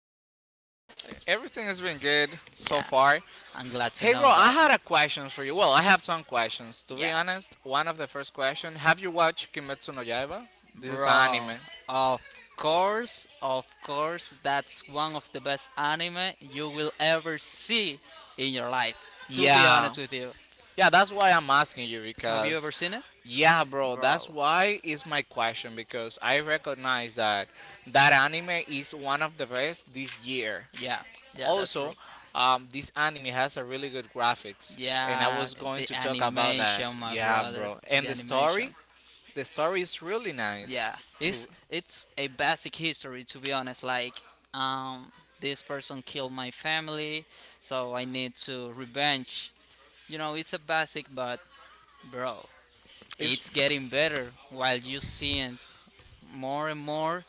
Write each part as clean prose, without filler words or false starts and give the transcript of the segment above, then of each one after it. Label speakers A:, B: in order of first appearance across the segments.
A: everything?
B: everything has been good so
A: Yeah,
B: far.
A: I'm glad to
B: Hey bro,
A: know
B: I
A: that.
B: had a question for you. Well, I have some questions. To be
A: Yeah.
B: honest, one of the first question, have you watched Kimetsu no
A: you
B: Yaiba?
A: ever
B: This
A: Bro,
B: is
A: started?
B: anime.
A: of of course, that's one of the best anime you will ever see in your life. To be
B: Yeah.
A: honest with you,
B: Yeah, that's why I'm asking you
A: have you because
B: because
A: ever seen it?
B: yeah,
A: Yeah,
B: bro, that's
A: bro,
B: why is my question because I recognize that that anime is one of the best this year.
A: yeah, yeah, that's also
B: Also,
A: true.
B: this anime has a really good graphics, and I
A: Yeah,
B: was going
A: the
B: to
A: bad.
B: talk about that.
A: Animation, my
B: Yeah,
A: brother.
B: bro.
A: And The animation.
B: The story is really
A: Yeah,
B: nice. To
A: it's a basic history to be honest. Like, um, this person killed my family, so I need to revenge. You know, it's a basic, but bro, it's
B: it's
A: getting better while you seeing more and more.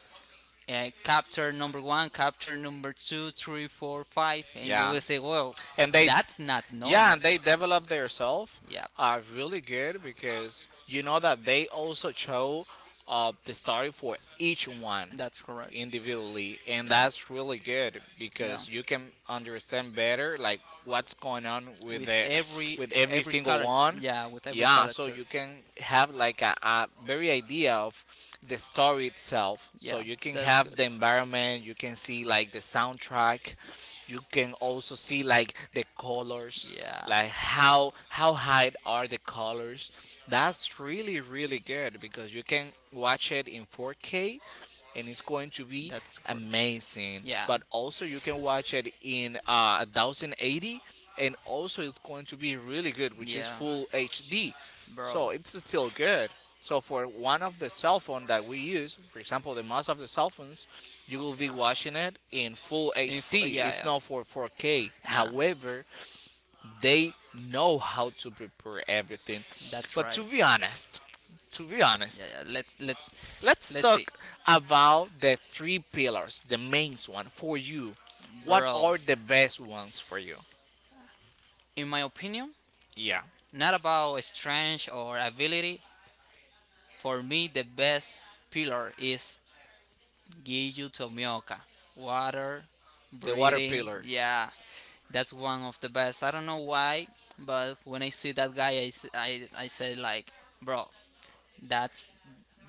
A: Capture number one, capture number two, three, four, five, and you
B: Yeah,
A: will say, well,
B: and
A: And
B: they
A: that's not yeah,
B: yeah,
A: normal.
B: and they develop themselves
A: Yeah,
B: really good because you know that they also show the story for each one
A: that's correct.
B: individually and that's really good
A: Yeah.
B: because you can understand better like what's going on with
A: With
B: the
A: every
B: with every single
A: character,
B: one,
A: yeah, with every
B: yeah, so
A: character,
B: you can have like a very idea of the story itself, so
A: yeah,
B: you can
A: that's
B: have the environment, you can see like the soundtrack, you can also see like the colors,
A: yeah,
B: like how high are the colors. That's really really good because you can watch it in 4K and it's going to be
A: that's correct.
B: amazing. But also, you can watch it in 1080, and also it's going to be really good, which
A: Yeah,
B: is
A: yeah,
B: full HD.
A: bro.
B: So it's still good. So for one of the cell phone that we use, for example, the most of the cell phones, you will be watching it in full HD.
A: Yeah,
B: It's
A: yeah.
B: not for 4K.
A: Nah,
B: However, they know how to prepare everything.
A: that's
B: But
A: right.
B: to be honest, to be
A: Yeah,
B: honest,
A: yeah. Let's
B: let's
A: let's see,
B: talk about the three pillars, the main one for you. What
A: bro.
B: are the best ones for you?
A: In my opinion,
B: Yeah,
A: not about strength or ability. For me, the best pillar is Giju Tomioka. Water
B: the water
A: breathing.
B: pillar.
A: Yeah, that's one of the best. I don't know why, but when I see that guy, I say like, bro, that's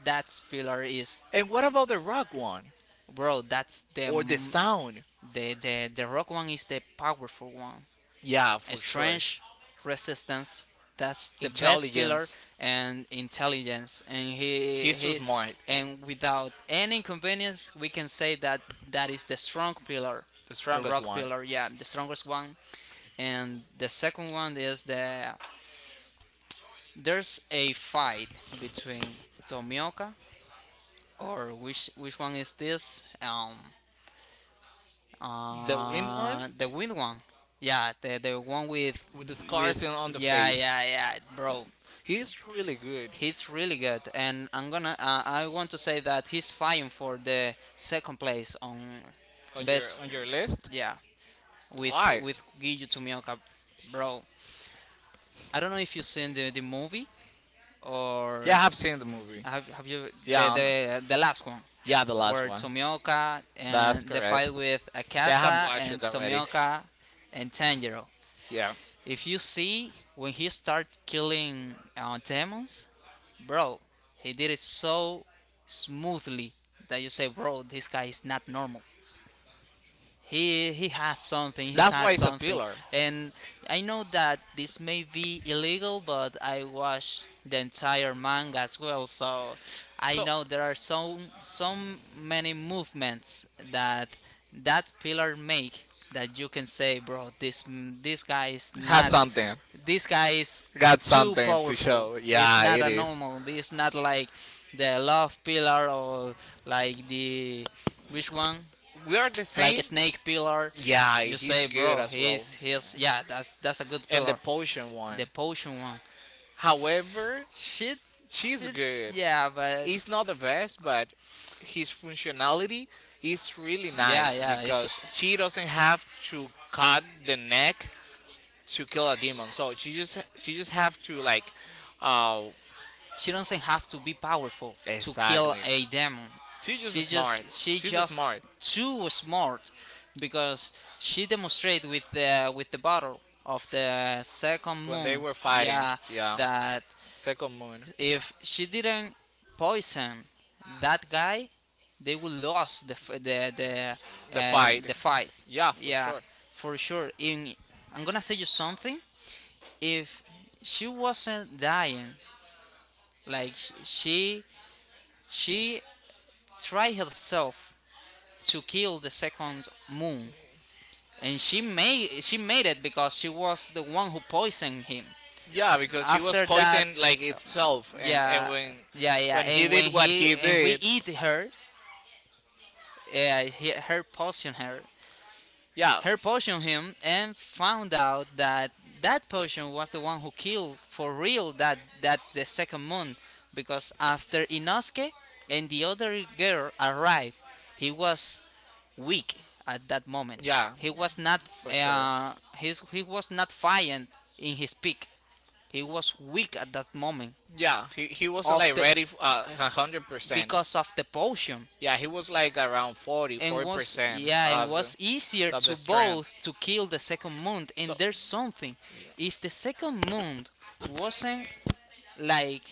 A: that's pillar is
B: And what about the rock one
A: Bro, that's the
B: or
A: m-
B: the sound?
A: the rock one is the powerful one.
B: Yeah, for sure.
A: Strange resistance. That's the best pillar
B: Intelligence.
A: and intelligence. And
B: He's so
A: he
B: smart,
A: and without any inconvenience, we can say that that is the strong pillar,
B: the
A: the
B: strongest
A: rock
B: one.
A: pillar. Yeah, the strongest one. And the second one is the there's a fight between Tomioka or which one is this?
B: The wind one
A: The wind one. Yeah, the one
B: with the scars
A: with
B: on the
A: yeah
B: face.
A: yeah yeah, bro.
B: He's really good
A: He's really good, and I'm gonna. I want to say that he's fine for the second place on
B: on your
A: best.
B: on your list.
A: Yeah, with
B: Why?
A: Giyu Tomioka, bro. I don't know if you've seen the movie or
B: Yeah, I have seen the movie.
A: have you
B: Yeah,
A: the last one
B: yeah, the last
A: where
B: one.
A: Tomioka
B: That's
A: and the
B: correct.
A: fight with
B: Yeah, I have
A: Akasa
B: watched
A: and
B: it already.
A: Tomioka and Tanjiro.
B: Yeah,
A: If you see when he started killing demons, bro, he did it so smoothly that you say, bro, this guy is not normal. He has something, he
B: that's why
A: has
B: it's a
A: something.
B: pillar.
A: And I know that this may be illegal, but I watched the entire manga as well, so I
B: So
A: know there are so many movements that that pillar make that you can say, bro, this guy is
B: has
A: not,
B: something,
A: this guy is
B: got
A: too
B: something to
A: powerful.
B: show.
A: It's
B: Yeah,
A: not
B: it
A: a
B: is.
A: normal, it's not like the love pillar or like the which one,
B: We are the
A: like a
B: same.
A: snake pillar.
B: Yeah,
A: You
B: he's
A: say good.
B: good
A: Bro,
B: as well.
A: he's yeah, that's a good And the
B: And the
A: pillar
B: potion
A: one. The
B: one.
A: potion one,
B: However,
A: shit
B: she's
A: shit
B: good.
A: good. Yeah, but
B: It's not the best, but his functionality is really
A: yeah good.
B: nice
A: Yeah, it's
B: because she doesn't have to cut the neck to kill a demon. So she just have to like, oh,
A: she doesn't have to be powerful to kill
B: exactly.
A: a demon.
B: She's just
A: She
B: smart.
A: just she
B: She's
A: just
B: smart.
A: too smart because she demonstrated with the battle of the second
B: When they
A: moon.
B: were fighting,
A: Yeah,
B: yeah,
A: that
B: second moon,
A: if she didn't poison that guy, they would lose the f-
B: the fight,
A: the fight.
B: yeah, for
A: Yeah,
B: sure.
A: for sure. In I'm gonna say you something. If she wasn't dying, like she she try herself to kill the second moon, and she made it because she was the one who poisoned him.
B: Yeah, because she was
A: After that,
B: poisoned like itself, and
A: yeah,
B: when
A: yeah, yeah.
B: when he
A: And when
B: did what
A: he
B: he
A: and we
B: did,
A: eat her, yeah, he, her poison her
B: yeah,
A: her potion him and found out that that potion was the one who killed for real that the second moon, because after Inosuke and the other girl arrived, he was weak at that moment.
B: yeah,
A: he was not
B: for sure.
A: he was not fighting in his peak. He was weak at that moment.
B: Yeah, he wasn't
A: Of
B: like
A: the-
B: ready a 100%.
A: because of the potion,
B: Yeah, he was like around forty
A: and
B: forty
A: was
B: percent
A: yeah and
B: of
A: was
B: the
A: easier
B: of
A: to
B: the strength.
A: both to kill the second moon.
B: So
A: And there's something,
B: yeah,
A: if the second moon wasn't like,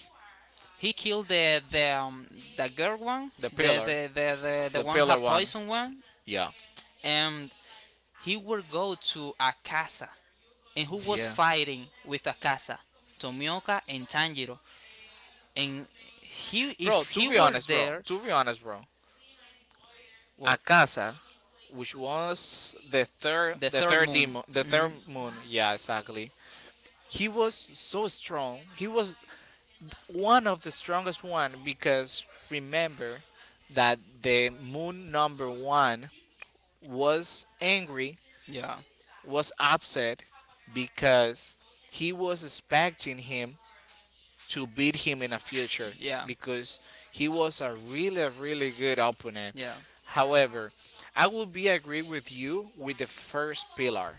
A: he killed the the girl one,
B: the
A: the
B: pillar,
A: the, the the the
B: the
A: one
B: pillar
A: had
B: one.
A: poison one.
B: Yeah.
A: And he would go to Akasa, and who was
B: Yeah.
A: fighting with Akasa? Tomioka and Tanjiro. And he,
B: Bro,
A: if he
B: to be
A: were
B: honest, bro.
A: there,
B: To be honest, bro.
A: well,
B: Akasa, which was
A: mhm.
B: the third moon. Yeah, exactly. He was so strong. He was one of the strongest one because remember that the moon number one was angry,
A: Yeah.
B: was upset because he was expecting him to beat him in the future because he was a really, really good opponent.
A: Yeah.
B: However, I would be agree with you with the first pillar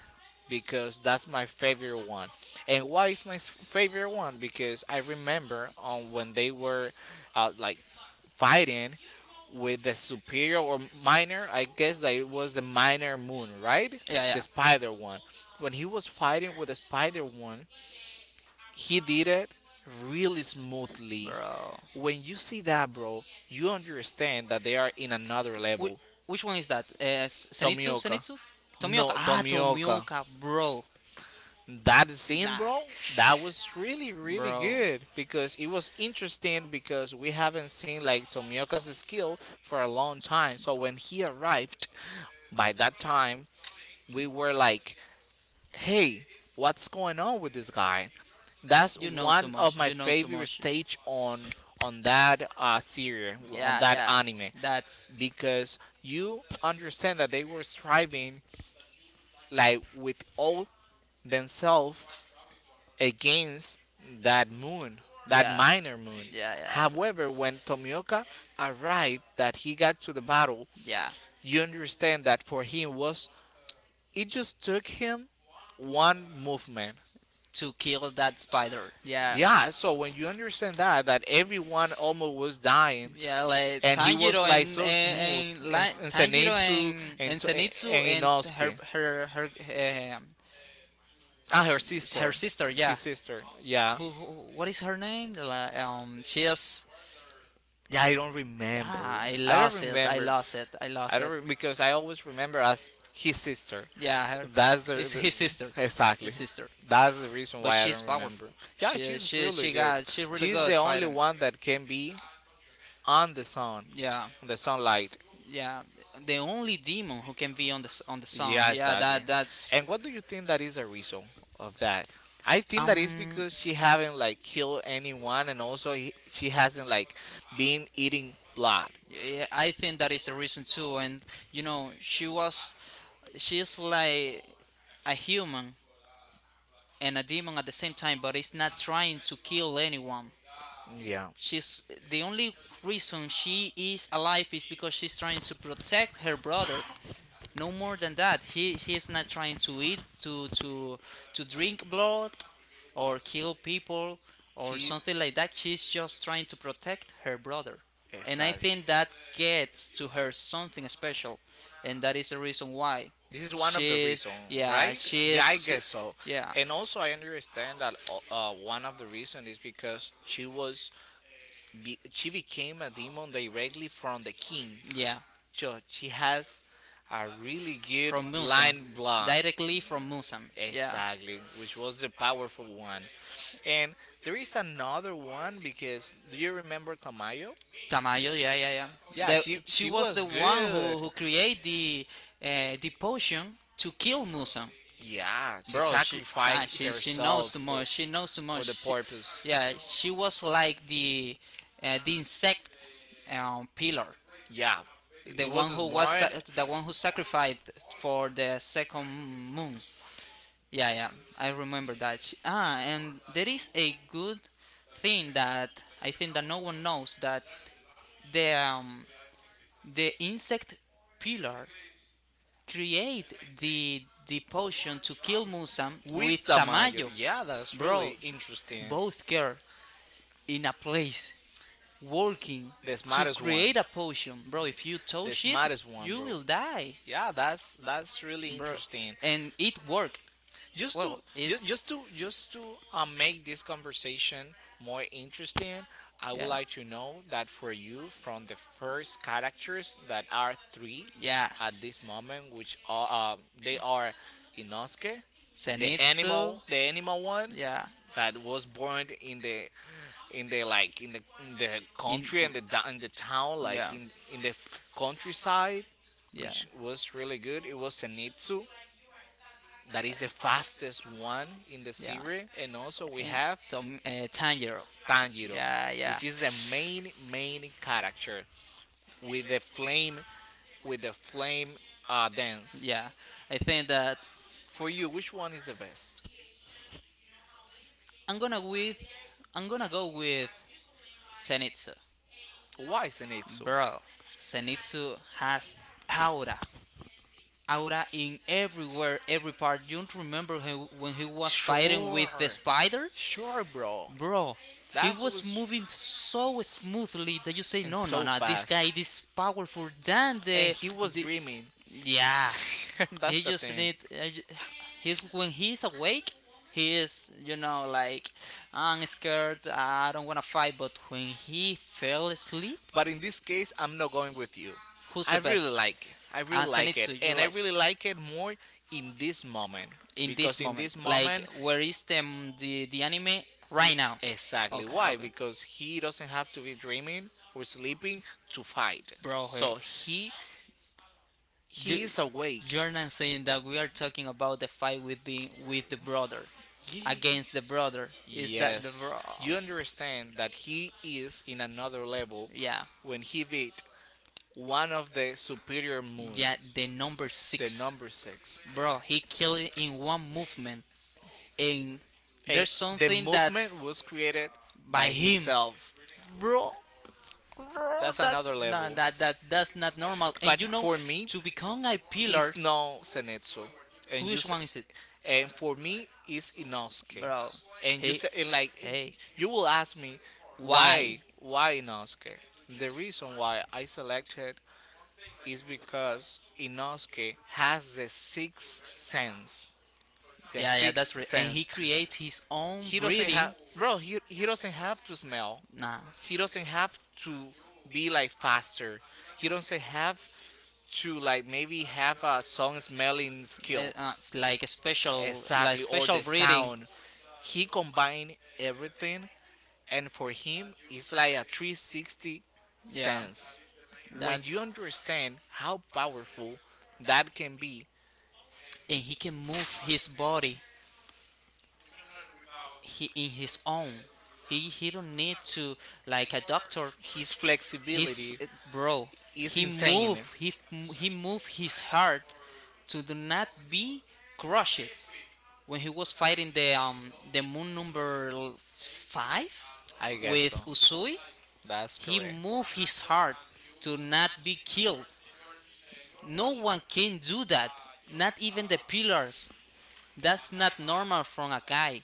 B: because that's my favorite one. And why is my favorite one? Because I remember on when they were like fighting with
A: superior
B: the superior or minor. I guess that it was the minor moon, right? The spider one. When he was fighting with the spider one, he did it really smoothly.
A: Bro.
B: When you see that, bro, you understand that they are in another
A: Level.
B: level.
A: Which one is that? Senitsu?
B: Tomioka.
A: Senitsu? Tomioka.
B: No,
A: Ah, Tomioka,
B: Tomioka.
A: Tomioka, bro.
B: That scene, bro, that was really, really good because it was interesting because we haven't seen like Tomioka's skill for a long time. So when he arrived, by that time, we were like, hey, what's going on with this guy? That's one of my favorite stage on that series, on
A: Yeah,
B: that
A: yeah.
B: anime,
A: That's
B: because you understand that they were striving like with all themselves against that moon, that
A: yeah,
B: minor moon.
A: yeah, yeah,
B: However, when Tomioka arrived, that he got to the battle,
A: yeah.
B: you understand that for him was it just took him one movement.
A: To kill that spider. Yeah,
B: Yeah, so when you understand that everyone almost was dying,
A: yeah. Like
B: and he was
A: Tanjiro
B: like
A: and
B: so
A: and,
B: smooth,
A: and
B: and,
A: like,
B: and
A: Tanjiro
B: Senetsu
A: and Zenitsu
B: And
A: and her
B: Inosuke.
A: her her um
B: Ah, her sister.
A: her sister. Yeah.
B: His sister, yeah.
A: Who, who? What is her name? Like. She is.
B: Yeah, I don't remember.
A: Ah, I
B: I don't
A: lost it. I
B: remember.
A: lost it. I
B: I
A: lost
B: don't
A: it.
B: because I always remember as his sister.
A: Yeah, her,
B: That's the,
A: it's his sister.
B: the
A: His
B: exactly.
A: sister.
B: That's the reason
A: But
B: why I
A: she's
B: don't
A: powerful.
B: remember. Yeah, she's really
A: She
B: good.
A: got she's really
B: She's
A: good
B: the only
A: fighting.
B: one that can be on the sun,
A: Yeah.
B: on the sunlight.
A: Yeah. The only demon who can be on on the song.
B: Yeah,
A: Yeah,
B: exactly.
A: that that's
B: And what do you think that is the reason of that? I think that is
A: um
B: because she haven't like killed anyone, and also she hasn't like been eating blood.
A: yeah, I think that is the reason too. And you know, she's like a human and a demon at the same time, but it's not trying to kill anyone.
B: Yeah,
A: She's the only reason she is alive is because she's trying to protect her brother. No more than that. He's not trying to eat to drink blood or kill people or
B: she.
A: something like that. She's just trying to protect her brother. And I
B: Exactly.
A: think that gets to her something special, and that is the reason why.
B: This is one of the
A: She's
B: reasons,
A: Yeah,
B: right? Yeah,
A: she's
B: I
A: she,
B: guess so.
A: Yeah,
B: And also, I understand that one of the reasons is because she was she became a demon directly from the king.
A: yeah.
B: Sure, she has a really good
A: From Musan.
B: line block.
A: Directly from Musan. Yeah.
B: Exactly, which was the powerful one. And there is another one because do you remember Tamayo?
A: Tamayo, yeah, yeah, yeah.
B: Yeah, she
A: She
B: she
A: was
B: was
A: the one
B: good.
A: who created the potion to kill Musan.
B: Yeah, she
A: Bro, she Nah,
B: sacrificed
A: she
B: herself
A: knows too
B: for
A: much. She knows too
B: for
A: much.
B: the
A: She,
B: purpose.
A: yeah, she was like the insect pillar,
B: Yeah, it was smart.
A: the one who sacrificed for the second moon. Yeah, yeah, I remember that. She, ah, and there is a good thing that I think that no one knows, that the um, the insect pillar create the potion to kill Musam
B: With
A: with
B: Tamayo.
A: Tamayo,
B: Yeah, that's
A: bro.
B: really interesting.
A: Both girls in a place working
B: The
A: to
B: smartest one.
A: create a potion, bro. If you
B: The
A: touch it,
B: smartest one,
A: you
B: bro.
A: will die,
B: Yeah, that's really
A: bro.
B: interesting.
A: And it worked.
B: Just to
A: Well,
B: just
A: it's
B: just to just to make this conversation more interesting, I would like to know that for you, from the first characters that are three
A: yeah.
B: at this moment, which are they are Inosuke,
A: the
B: the animal one
A: Yeah.
B: that was born in the like in the
A: the-
B: country in the town, like in the countryside,
A: Yeah.
B: which was really good. It was Senitsu, that is the fastest one in the series, and also we have
A: Tanjiro.
B: Tanjiro,
A: Yeah, yeah.
B: which is the main character with the flame dance.
A: Yeah, I think that
B: For you, which one is the best?
A: I'm gonna with I'm gonna go with Senitsu.
B: Why Senitsu?
A: Bro, Senitsu has aura. Aura in everywhere, every part. You don't remember he, when he was fighting
B: Sure,
A: with the spider?
B: sure, bro.
A: Bro, he
B: That
A: was
B: was
A: moving so smoothly that you say,
B: and
A: no, no,
B: so
A: no, this
B: fast.
A: guy is powerful than
B: And
A: the.
B: he was
A: the
B: dreaming.
A: yeah, He
B: That's the
A: just
B: thing.
A: needs. He's when he's awake. He is, you know, like I'm scared. I don't wanna fight. But when he fell asleep,
B: But in this case, I'm not going with you.
A: who's
B: I
A: the
B: really
A: best?
B: like it. I really like it.
A: Zenitsu, you
B: And I
A: like
B: really like it more in this moment.
A: in this
B: Because in
A: moment.
B: this
A: Like
B: moment,
A: where is the anime
B: i-
A: right now?
B: exactly
A: Okay,
B: why?
A: okay.
B: Because he doesn't have to be dreaming or sleeping to fight.
A: Bro, eh,
B: So he
A: you
B: he is awake.
A: you're not saying that we are talking about the fight with the brother
B: He,
A: against the brother. Is that the
B: Yes,
A: bro?
B: you understand that he is in another level
A: Yeah.
B: when he beat one of the superior moons,
A: Yeah, the number
B: the
A: six.
B: number six.
A: Bro, he killed it in one movement. And
B: And
A: there's
B: the
A: something that
B: movement was created
A: by
B: by
A: him.
B: himself.
A: Bro, bro
B: That's
A: That's
B: another
A: no,
B: level.
A: that's not normal. And
B: But
A: you know,
B: for me,
A: to become a
B: it's
A: pillar.
B: no Senetsu. And you
A: Which one is it?
B: and for me, it's Inosuke.
A: Bro.
B: And you
A: He,
B: say and like
A: hey.
B: you will ask me why
A: Why?
B: why Inosuke? The reason why I selected is because Inosuke has the sixth sense. The
A: Yeah, yeah, that's
B: sixth
A: right. And he
B: sense.
A: creates his own
B: He doesn't have,
A: breeding.
B: bro. He doesn't have to smell.
A: Nah.
B: He doesn't have to be like faster. He doesn't have to like maybe have a song smelling skill
A: Like a special, like
B: exactly or
A: special
B: the
A: breeding.
B: sound. He combined everything, and for him, it's like a 360
A: Yeah,
B: sense. When you
A: that's.
B: understand how powerful that can be,
A: And he can move his body, he, in his own. He don't need to, like a doctor,
B: His work. Flexibility
A: bro,
B: is insane. If he move
A: he move his heart to do not be crushed when he was fighting the moon number 5
B: I guess
A: with
B: so.
A: Usui.
B: That's
A: He
B: correct.
A: moved his heart to not be killed. No one can do that, not even the pillars. That's not normal from a guy.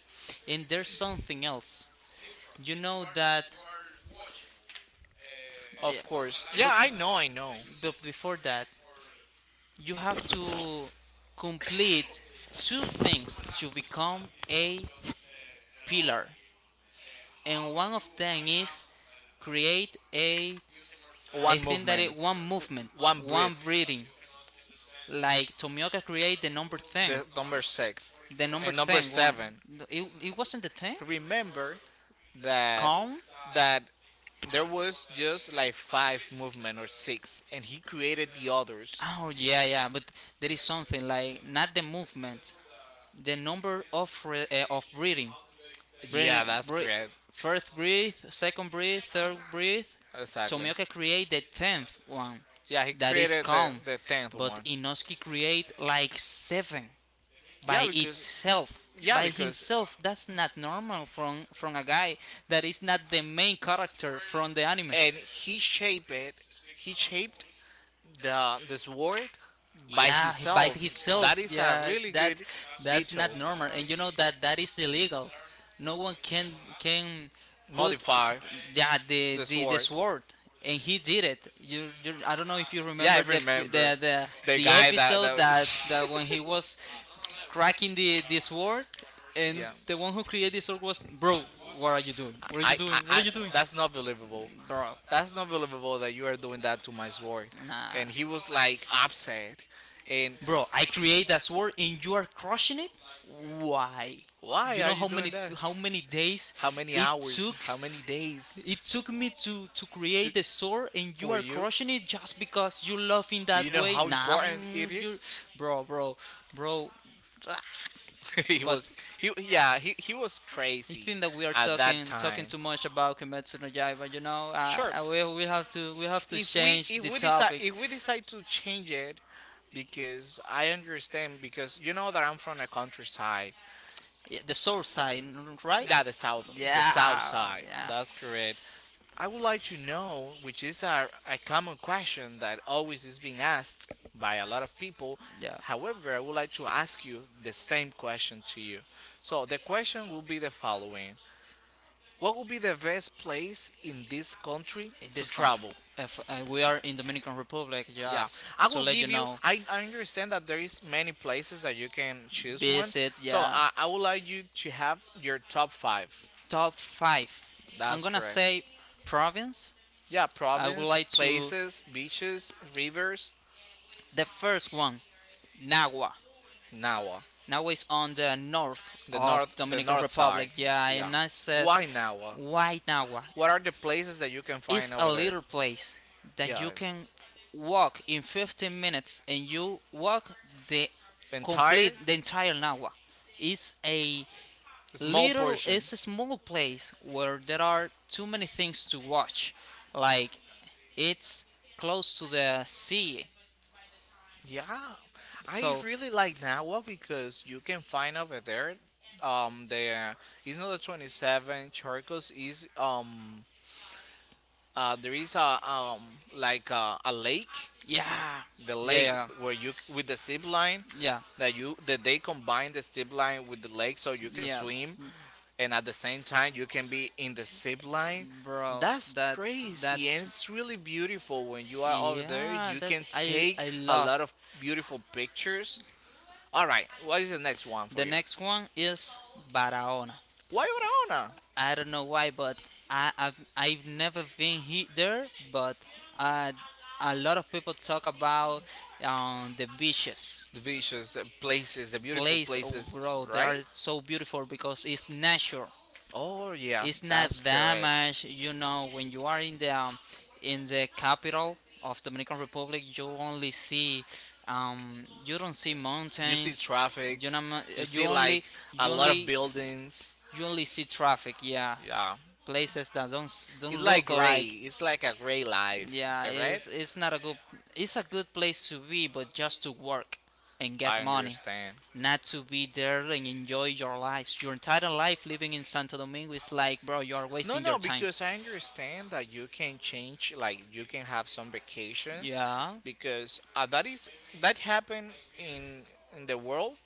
A: And there's something else. You know that. Yeah,
B: Of course.
A: but,
B: Yeah, I know, I know.
A: but before that, you have to complete two things to become a pillar. And one of them is create a I
B: One
A: think that
B: movement,
A: it one movement,
B: one breath.
A: one breathing. Like Tomioka create the number 10.
B: The number six
A: The number
B: and number
A: thing one.
B: seven.
A: No, it wasn't the thing?
B: Remember that
A: Count?
B: that there was just like five movement or six, and he created the others.
A: Oh, yeah, yeah, but there is something like not the movement, the number of of breathing.
B: Yeah,
A: Breathing,
B: that's
A: breath,
B: correct.
A: first breathe, second breathe, third breathe.
B: Exactly.
A: Tomioka create the tenth one,
B: Yeah, he
A: that is
B: created the
A: calm,
B: the tenth
A: but
B: one.
A: Inosuke create like seven
B: Yeah,
A: by
B: because
A: itself,
B: yeah,
A: by
B: because
A: himself. That's not normal from a guy that is not the main character from the anime.
B: and he shaped it. He shaped the sword by
A: Yeah, by
B: himself. That
A: himself,
B: is a
A: yeah,
B: really good
A: that's
B: detail.
A: not normal. And you know that that is illegal. No one can put f-
B: Modify
A: yeah,
B: the
A: the
B: sword.
A: sword. And he did it. You, I don't know if you
B: Yeah, I
A: remember
B: remember the
A: the
B: guy that
A: episode
B: that.
A: that, that when he was cracking the sword. And
B: Yeah.
A: the one who created the sword was, bro, what are you doing, what are you
B: I, I,
A: doing, what are
B: I,
A: you doing,
B: that's not believable.
A: bro,
B: That's not believable that you are doing that to my sword.
A: nah.
B: And he was like upset. And
A: Bro, I create that sword and you are crushing it? Why?
B: why
A: You
B: are
A: know
B: you doing that?
A: how many days
B: How many
A: it
B: hours?
A: took,
B: How many days?
A: it took me to
B: To,
A: create the sword, and you
B: for
A: are
B: you?
A: crushing it just because you love in
B: Do you
A: that
B: know
A: way?
B: how
A: Nah,
B: important it
A: mm, you
B: is?
A: bro, bro, bro.
B: he
A: But
B: was he Yeah, he was
A: I
B: crazy
A: think that we are
B: at that
A: talking
B: time.
A: talking too much about Kimetsu no Yaiba.
B: Sure,
A: We have to change the topic.
B: if we decide to change it, because I understand, because you know that I'm from the countryside,
A: Yeah, the south side, right?
B: that the
A: Yeah,
B: south side.
A: yeah,
B: That's correct. I would like to know which is a common question that always is being asked by a lot of people.
A: yeah.
B: However, I would like to ask you the same question to you. So the question will be the following: What would be the best place in this country to travel?
A: If we are in Dominican Republic,
B: Yeah,
A: yes.
B: I will give you. I understand that there is many places that you can choose one.
A: Visit.
B: So I would like you to have your top five.
A: Top five. I'm
B: That's
A: gonna
B: correct.
A: say province.
B: Yeah,
A: Would
B: province,
A: like to
B: places, beaches, rivers,
A: the first one. Nagua.
B: Nawa.
A: Nagua is on the north of
B: The
A: Dominican
B: north side.
A: Republic. Yeah,
B: Yeah.
A: and I said
B: Why Nawa?
A: why Nagua.
B: What are the places that you can find
A: It's a
B: over there?
A: little place that
B: Yeah.
A: you can walk in 15 minutes and you walk the
B: Entire
A: complete the entire Nagua. It's a
B: small portion.
A: small place where there are too many things to watch. Like it's close to the sea.
B: Yeah, I
A: So
B: really like Nawa because you can find over there. The It's not the 27 charcos. Is There is a like a lake,
A: yeah.
B: the
A: Yeah,
B: lake
A: yeah.
B: where you with the zip line,
A: Yeah.
B: that they combine the zip line with the lake so you can
A: Yeah.
B: swim, and at the same time you can be in the zip line.
A: Bro,
B: That's
A: that's
B: crazy, and it's
A: that's
B: really beautiful when you are over there.
A: yeah,
B: You
A: that
B: can
A: I
B: take
A: I
B: a
A: love.
B: lot of beautiful pictures. All right, what is the next one for
A: The
B: you?
A: next one is Barahona.
B: Why Barahona?
A: I don't know why, but I've never been there, but uh, a lot of people talk about the beaches.
B: The beaches, the places, the beautiful
A: Place, oh,
B: places,
A: bro, they
B: right?
A: are so beautiful because it's natural.
B: Oh yeah,
A: It's not
B: that's correct.
A: damaged. You know, when you are in the capital of Dominican Republic, you only see you don't see
B: You see
A: mountains. You
B: traffics,
A: know,
B: you
A: you
B: see like
A: only
B: a
A: you
B: lot of
A: only
B: buildings.
A: you only see traffic. Yeah,
B: Yeah.
A: places that
B: It's
A: don't
B: like
A: look
B: gray.
A: like
B: It's like a gray life,
A: yeah
B: correct?
A: it's not a good it's a good place to be, but just to work and get
B: I
A: money,
B: understand.
A: not to be there and enjoy your life. Your entire life living in Santo Domingo is like, bro, you are
B: No,
A: wasting your
B: no,
A: time.
B: because I understand that you can change, like you can have some vacation,
A: Yeah.
B: because that is that happen in in the world.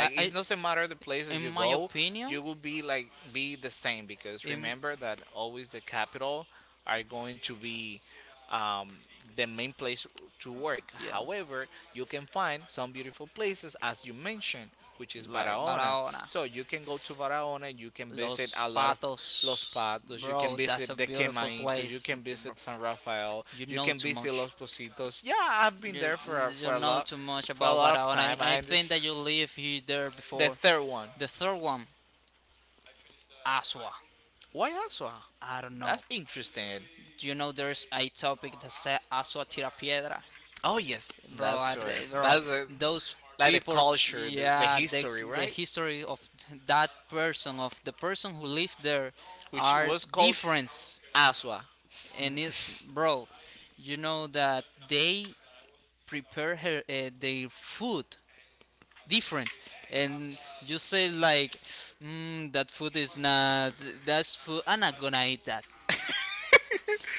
A: i,
B: it
A: I
B: doesn't matter the place that
A: in
B: you
A: my
B: go,
A: opinion.
B: you will be like be the same because
A: In.
B: remember that always the capital are going to be um, the main place to work.
A: Yeah,
B: However, you can find some beautiful places, as you mentioned, which is
A: like
B: Barahona.
A: Barahona,
B: So you can go to Barahona, you can visit
A: Los
B: a lot of Los
A: Patos.
B: Patos, you can
A: Bro, that's a
B: visit the
A: beautiful
B: Quemaitos, you
A: place.
B: can
A: Bro,
B: visit San Rafael,
A: you
B: you
A: know
B: can
A: too
B: visit
A: much.
B: Los Positos. Yeah, I've been
A: You,
B: there for a,
A: you
B: for a
A: know
B: lot
A: too much
B: for a
A: about
B: lot of
A: Barahona. I,
B: time.
A: I
B: I
A: think that you
B: understand.
A: lived here there
B: The
A: before.
B: third one,
A: The third one, Asua.
B: Guayazo.
A: I don't know.
B: That's interesting.
A: Do you know there's a topic that says Asua tira piedra?
B: Oh yes,
A: Bro,
B: that's right.
A: bro,
B: That's
A: those
B: like the
A: people,
B: culture, the
A: yeah,
B: history,
A: the
B: right?
A: history of that person, of the person who lived there,
B: Which
A: are
B: was called
A: different.
B: Aswa.
A: And it, bro, you know that they prepare her, their food different and you say like that food is not, that's food, I'm not gonna eat that.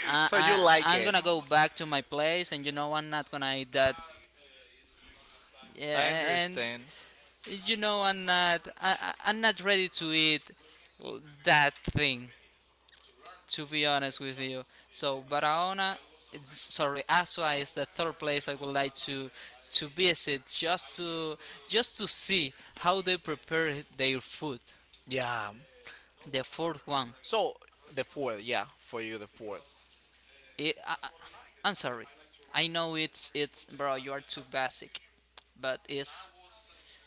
A: I,
B: So you
A: I
B: like
A: I'm
B: it.
A: gonna go back to my place and you know I'm not gonna eat that.
B: I
A: Yeah, and
B: understand.
A: you know I'm not I'm not ready to eat that thing, to be honest with you. So Barahona, it's, sorry, Asua is the third place I would like to visit just to see how they prepare their food.
B: Yeah.
A: The fourth one.
B: So the fourth, yeah, for you the fourth.
A: It, I, I- I'm sorry. I know it's bro. You are too basic, but it's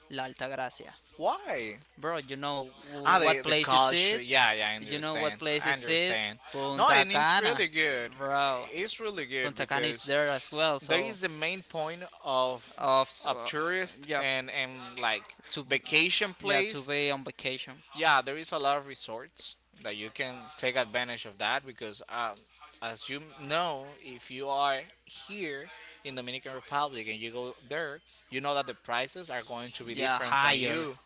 A: La Altagracia,
B: Why?
A: bro. You know
B: Ah,
A: what
B: the
A: place is
B: culture.
A: it?
B: Yeah, yeah, I
A: You know what
B: understand.
A: place
B: I
A: is it?
B: understand. No,
A: Punta
B: and it's
A: Cana,
B: really good.
A: bro.
B: It's really good
A: Punta Cana is
B: because
A: there as well.
B: that
A: So
B: is the main point
A: of
B: of tourist
A: yeah
B: and like
A: to be,
B: vacation
A: yeah to
B: place.
A: be on vacation.
B: Yeah, there is a lot of resorts that you can take advantage of that because, as you know, if you are here in Dominican Republic and you go there, you know that the prices are going to
A: Be
B: be
A: yeah,
B: different from
A: higher, no,
B: you.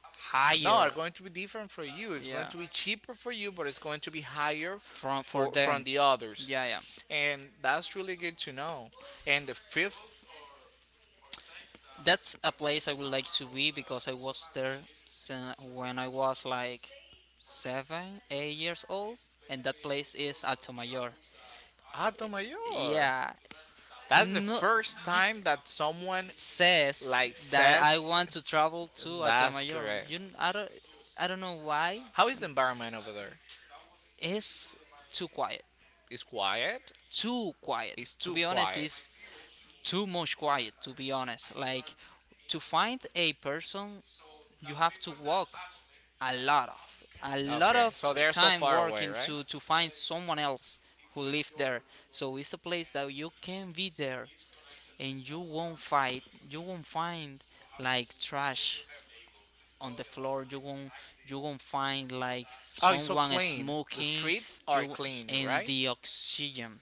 B: No, are
A: higher.
B: going to be different for you. It's going
A: Yeah,
B: to be cheaper for you, but it's going to be higher
A: from for
B: for from
A: them.
B: the others,
A: Yeah, yeah.
B: and that's really good to know. And the fifth
A: That's a place I would like to be because I was there when I was like seven, 8 years old, and that place is Altomayor.
B: Hato Mayor.
A: Yeah. That's the
B: That's the
A: no, first
B: first
A: you
B: time that someone
A: says
B: like
A: like that I
B: says
A: want to travel to. That's
B: that's
A: Altomayor.
B: correct.
A: I don't know why.
B: How is the environment over there?
A: Is too quiet.
B: It's quiet?
A: Too quiet.
B: It's
A: To
B: too
A: be honest,
B: quiet.
A: is too much quiet. To be honest, like to find a person, you have to walk a lot
B: Okay,
A: of
B: so they're so
A: time
B: far away,
A: working
B: right?
A: to find someone else who live there. So it's a place that you can be there and you won't fight. You won't find like trash on the floor. You won't find like
B: Oh, it's so
A: someone
B: clean. The
A: smoking,
B: streets are
A: you,
B: clean,
A: and
B: right?
A: the oxygen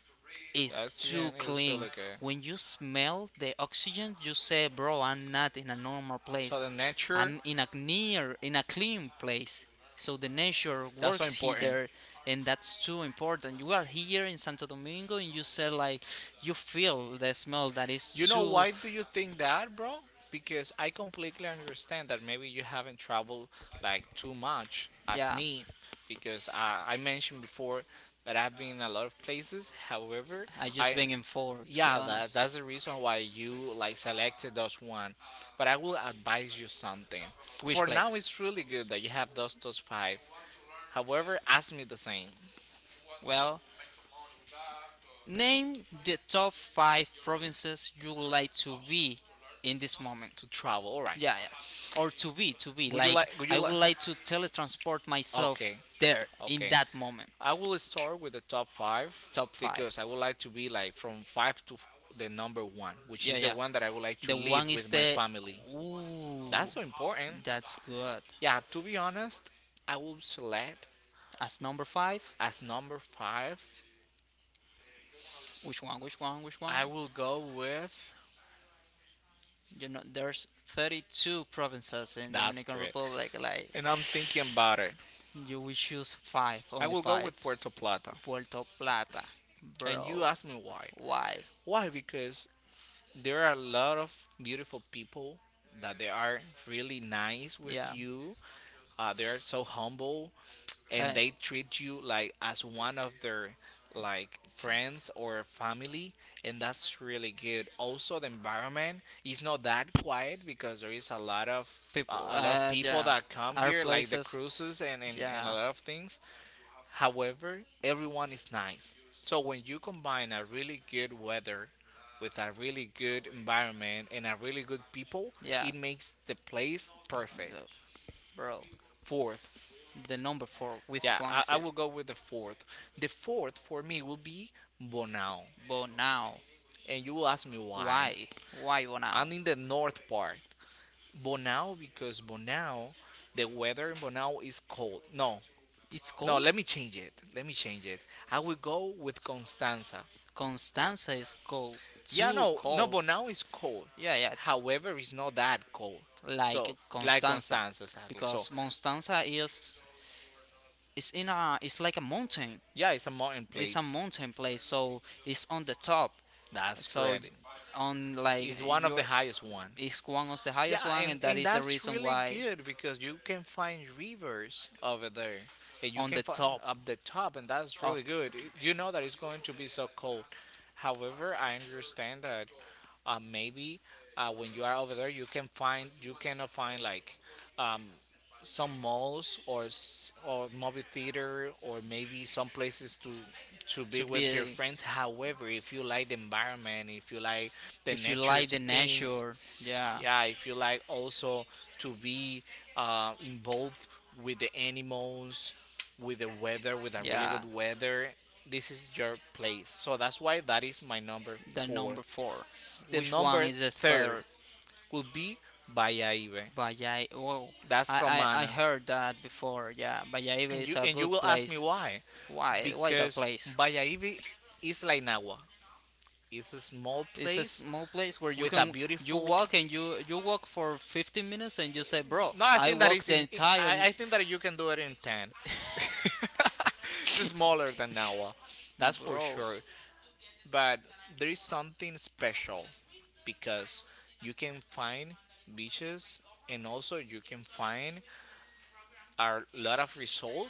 B: The
A: is too
B: oxygen is
A: clean.
B: really good.
A: When you smell the oxygen, you say, bro, I'm not in a normal
B: So
A: place.
B: the nature,
A: I'm in a clean place. So the nature
B: that's so
A: works here
B: important.
A: there, and that's too important. You are here in Santo Domingo and you say like you feel the smell that
B: You
A: is
B: know
A: too
B: why do you think that, bro? Because I completely understand that maybe you haven't traveled like too much as
A: yeah.
B: me, because I mentioned before that I've been in a lot of places. However,
A: I just
B: I
A: bring him forward, to be
B: yeah that
A: honest.
B: that's the reason why you like selected those one. But I will advise you something.
A: Which
B: For now, it's
A: place?
B: really good that you have those five. However, ask me the same
A: Well, name the top five provinces you would like to be in this moment.
B: to travel. All right.
A: Yeah, yeah. Or to be, to be.
B: Would you
A: Like,
B: like? Would you
A: I would
B: like?
A: like to teletransport myself
B: Okay.
A: there in
B: Okay.
A: that moment.
B: I will start with the top five
A: Top
B: because
A: five.
B: I would like to be like from five to f- the number one, which
A: Yeah,
B: is the
A: yeah.
B: one that I would like to
A: The
B: live
A: one is
B: with my
A: the.
B: family.
A: Ooh,
B: That's so important.
A: that's good.
B: Yeah, to be honest, I will select
A: As number five.
B: as number five.
A: Which one? Which one? Which one?
B: I will go with.
A: You know, there's 32 provinces in
B: That's
A: Dominican
B: great.
A: Republic. Like,
B: And I'm thinking about it.
A: you will choose five,
B: I
A: only
B: will go
A: five.
B: with Puerto Plata.
A: Puerto Plata,
B: And
A: bro.
B: you ask me why.
A: Why?
B: Why? Because there are a lot of beautiful people that they are really nice with
A: Yeah.
B: you. They are so humble
A: Uh,
B: and they treat you like as one of their like friends or family, and that's really good. Also the environment is not that quiet because there is a lot of a
A: people.
B: a lot of people
A: Yeah.
B: that come
A: Our
B: here like the cruises,
A: places.
B: and a
A: Yeah.
B: lot of things. However everyone is nice, so when you combine a really good weather with a really good environment and a really good people,
A: Yeah,
B: it makes the place perfect.
A: uh, bro.
B: Fourth,
A: The number four with
B: yeah,
A: one
B: I
A: exit.
B: will go with the fourth. The fourth for me will be Bonao.
A: But now,
B: And you will ask me why.
A: why? Why but now?
B: I'm in the north part. Bonao, because Bonao, the weather in Bonao is cold. No,
A: It's
B: no,
A: cold.
B: let me change it. Let me change it. I will go with Constanza.
A: Is cold.
B: Yeah,
A: Too
B: no, no,
A: cold.
B: Bonao is cold.
A: Yeah, yeah. It's
B: However, it's not that cold.
A: like
B: So, like
A: Constanza,
B: Constanza, exactly. So,
A: because Constanza is in a it's like a mountain.
B: yeah, it's a mountain
A: It's a
B: place.
A: mountain place, so it's on the top.
B: That's
A: So
B: correct.
A: on like
B: It's one of the
A: your
B: highest one.
A: is one of the highest
B: Yeah,
A: one,
B: and,
A: and that
B: and
A: is the
B: that's
A: reason
B: really
A: why
B: good because you can find rivers over there, and you
A: on
B: can
A: the
B: find
A: top
B: up the top, and that's really
A: of
B: good. It- You know that it's going to be so cold. However, I understand that maybe when you are over there, you can find you cannot find like um, some malls or s- or movie theater or maybe some places to
A: to
B: be with your
A: be,
B: friends. However, if you like the environment, if you like the
A: if you
B: nature
A: like the
B: things,
A: nature, yeah,
B: yeah if you like also to be involved with the animals, with the weather, with a really
A: yeah.
B: good weather, this is your place. So that's why that is my number
A: The number
B: fourth.
A: four.
B: The
A: Which one
B: number
A: is the
B: third
A: third?
B: will be Bayaibe.
A: Bayai. Whoa,
B: That's
A: I, wow. I
B: Romana.
A: heard that before. Yeah, Bayaibe is a
B: And you
A: good
B: will ask me
A: place.
B: why?
A: Why that
B: Because
A: place?
B: Bayaibe is like Nagua. It's a small
A: It's a
B: place
A: small place where you
B: with a
A: can
B: beautiful
A: you you walk for 15 minutes and you say, bro,
B: No, I
A: I
B: think that
A: walk
B: is
A: the
B: in. In-
A: entire.
B: I think that you can do it in ten. It's smaller than Nawa, that's for
A: Bro,
B: sure. But there is something special because you can find beaches, and also you can find a lot of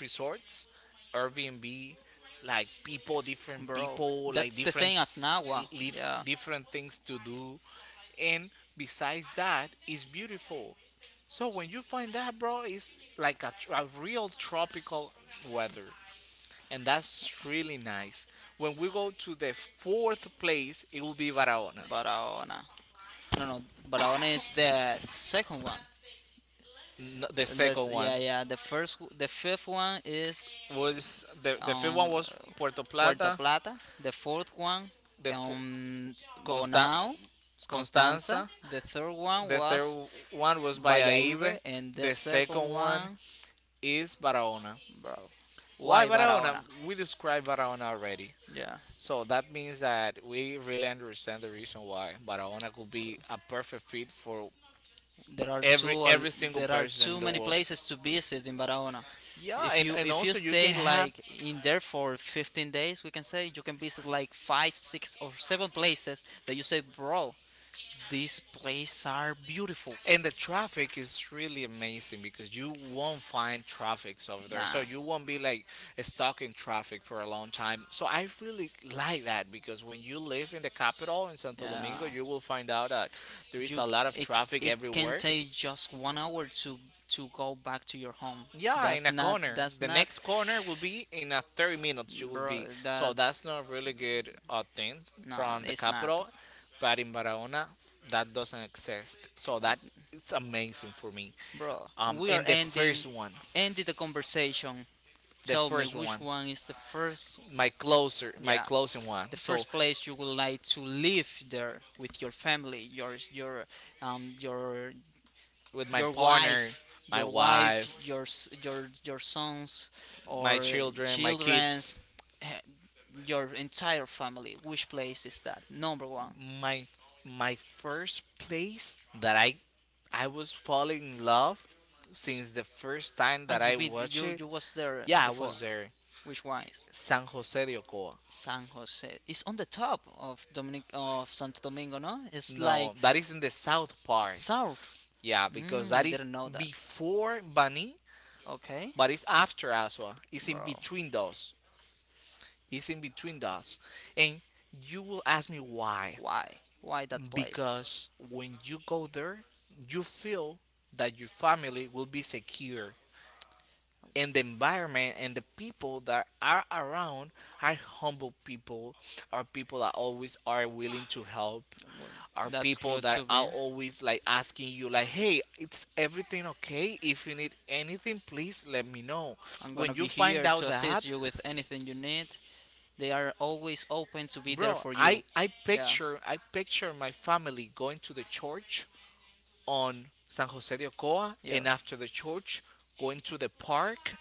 B: resorts, Airbnb, like people, different
A: bro,
B: people, like
A: that's the
B: different
A: same as Nawa.
B: live
A: Yeah,
B: different things to do, and besides that it's beautiful. So when you find that, bro, it's like a, tr- a real tropical weather, and that's really nice. When we go to the fourth place, it will be Barahona.
A: Barahona. No, no, Barahona is the second one.
B: N- the
A: The And This,
B: second
A: second one.
B: one
A: Yeah, yeah. The first, the fifth one is was
B: was
A: the film
B: the fifth one
A: was
B: was
A: Puerto
B: Puerto
A: Puerto
B: Plata.
A: Plata. Plata. The fourth one,
B: The fo-
A: um,
B: Constan-
A: Bonao, Constanza.
B: Constanza.
A: The third one The
B: The
A: was
B: third one was
A: third one was Valladolid, Vallaibe,
B: Bayahibe.
A: and the And
B: The
A: second
B: second one
A: one,
B: is Barahona.
A: bro,
B: Why
A: why
B: Barahona?
A: Barahona?
B: We described Barahona already.
A: Yeah.
B: So that means that we really understand the reason why Barahona could be a perfect fit for
A: There are
B: every single
A: there are
B: person in
A: too
B: the
A: many
B: world.
A: places to visit in Barahona.
B: Yeah, and
A: If you
B: also you
A: stay
B: can
A: like
B: have
A: in there for 15 days, we can say you can visit like five, six, or seven places that you say, bro, these places are beautiful.
B: and the traffic is really amazing because you won't find traffics over there. So
A: Nah.
B: you won't be like stuck in traffic for a long time. So I really like that because when you live in the capital in Santo
A: Yeah.
B: Domingo, you will find out that there is
A: You
B: a lot of
A: it,
B: traffic
A: it can
B: everywhere.
A: take just 1 hour to go back to your home.
B: Yeah, in
A: That's
B: a
A: not
B: corner. The next corner will be in a 30 minutes. You will
A: bro,
B: be so
A: that's
B: that's not really good thing
A: no,
B: from the
A: it's not.
B: capital, but in Barahona that doesn't exist. So that it's amazing for me.
A: Bro, we are
B: And
A: ending, ending the conversation.
B: the
A: Tell me
B: first
A: which
B: one,
A: one is the first.
B: my closer, my
A: Yeah.
B: closing one.
A: The
B: So
A: first place you would like to live there with your family, your um your
B: with my
A: your
B: partner,
A: wife,
B: my
A: your wife,
B: wife,
A: your your sons
B: my
A: or
B: children, my
A: children's
B: kids.
A: eh, your entire family. Which place is that? Number one.
B: My first place that I was falling in love since the first time
A: And
B: that
A: you
B: I
A: been
B: watched
A: you
B: it.
A: you was there
B: Yeah, I
A: before.
B: was there.
A: Which one is
B: San Jose de Ocoa.
A: San Jose? It's on the top of Dominic of Santo Domingo, no? It's like
B: No, that is in the south part.
A: south.
B: Yeah, because
A: Mm, I
B: that is
A: didn't know that.
B: before Bani,
A: Okay.
B: but it's after Asua. It's in
A: Bro.
B: between those. It's in between those. And you will ask me why.
A: Why? Why that place?
B: Because when you go there, you feel that your family will be secure, and the environment and the people that are around are humble people, are people that always are willing to help,
A: Well,
B: are
A: that's
B: people
A: good
B: that
A: to be.
B: are always like asking you like, hey, it's everything okay, if you need anything please let me know.
A: I'm
B: When
A: gonna
B: you
A: be
B: find
A: here
B: out
A: to
B: that,
A: assist you with anything you need. They are always open to be there
B: bro,
A: for
B: i
A: you.
B: i
A: Yeah.
B: picture I picture my family going to the church on San Jose de Ocoa
A: Yeah.
B: and after the church going to the park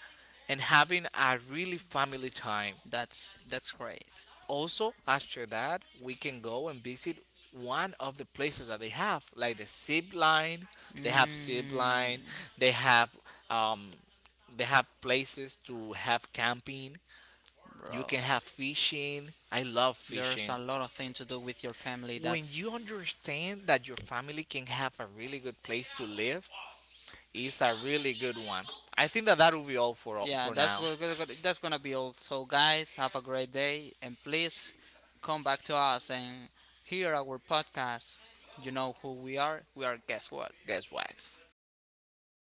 B: and having a really family time.
A: That's great.
B: Also, after that, we can go and visit one of the places that they have, like the zip line. They have zip
A: Mm,
B: line. They have um, they have places to have camping. You
A: bro.
B: can have fishing. I love
A: There's
B: fishing.
A: a lot of things to do with your family.
B: When
A: That's
B: you understand that your family can have a really good place to live, it's a really good one. I think that that will be all
A: yeah.
B: for
A: That's
B: now.
A: that's gonna be all. So guys, have a great day, and please come back to us and hear our podcast. You know who we are. We are guess what.
B: Guess what?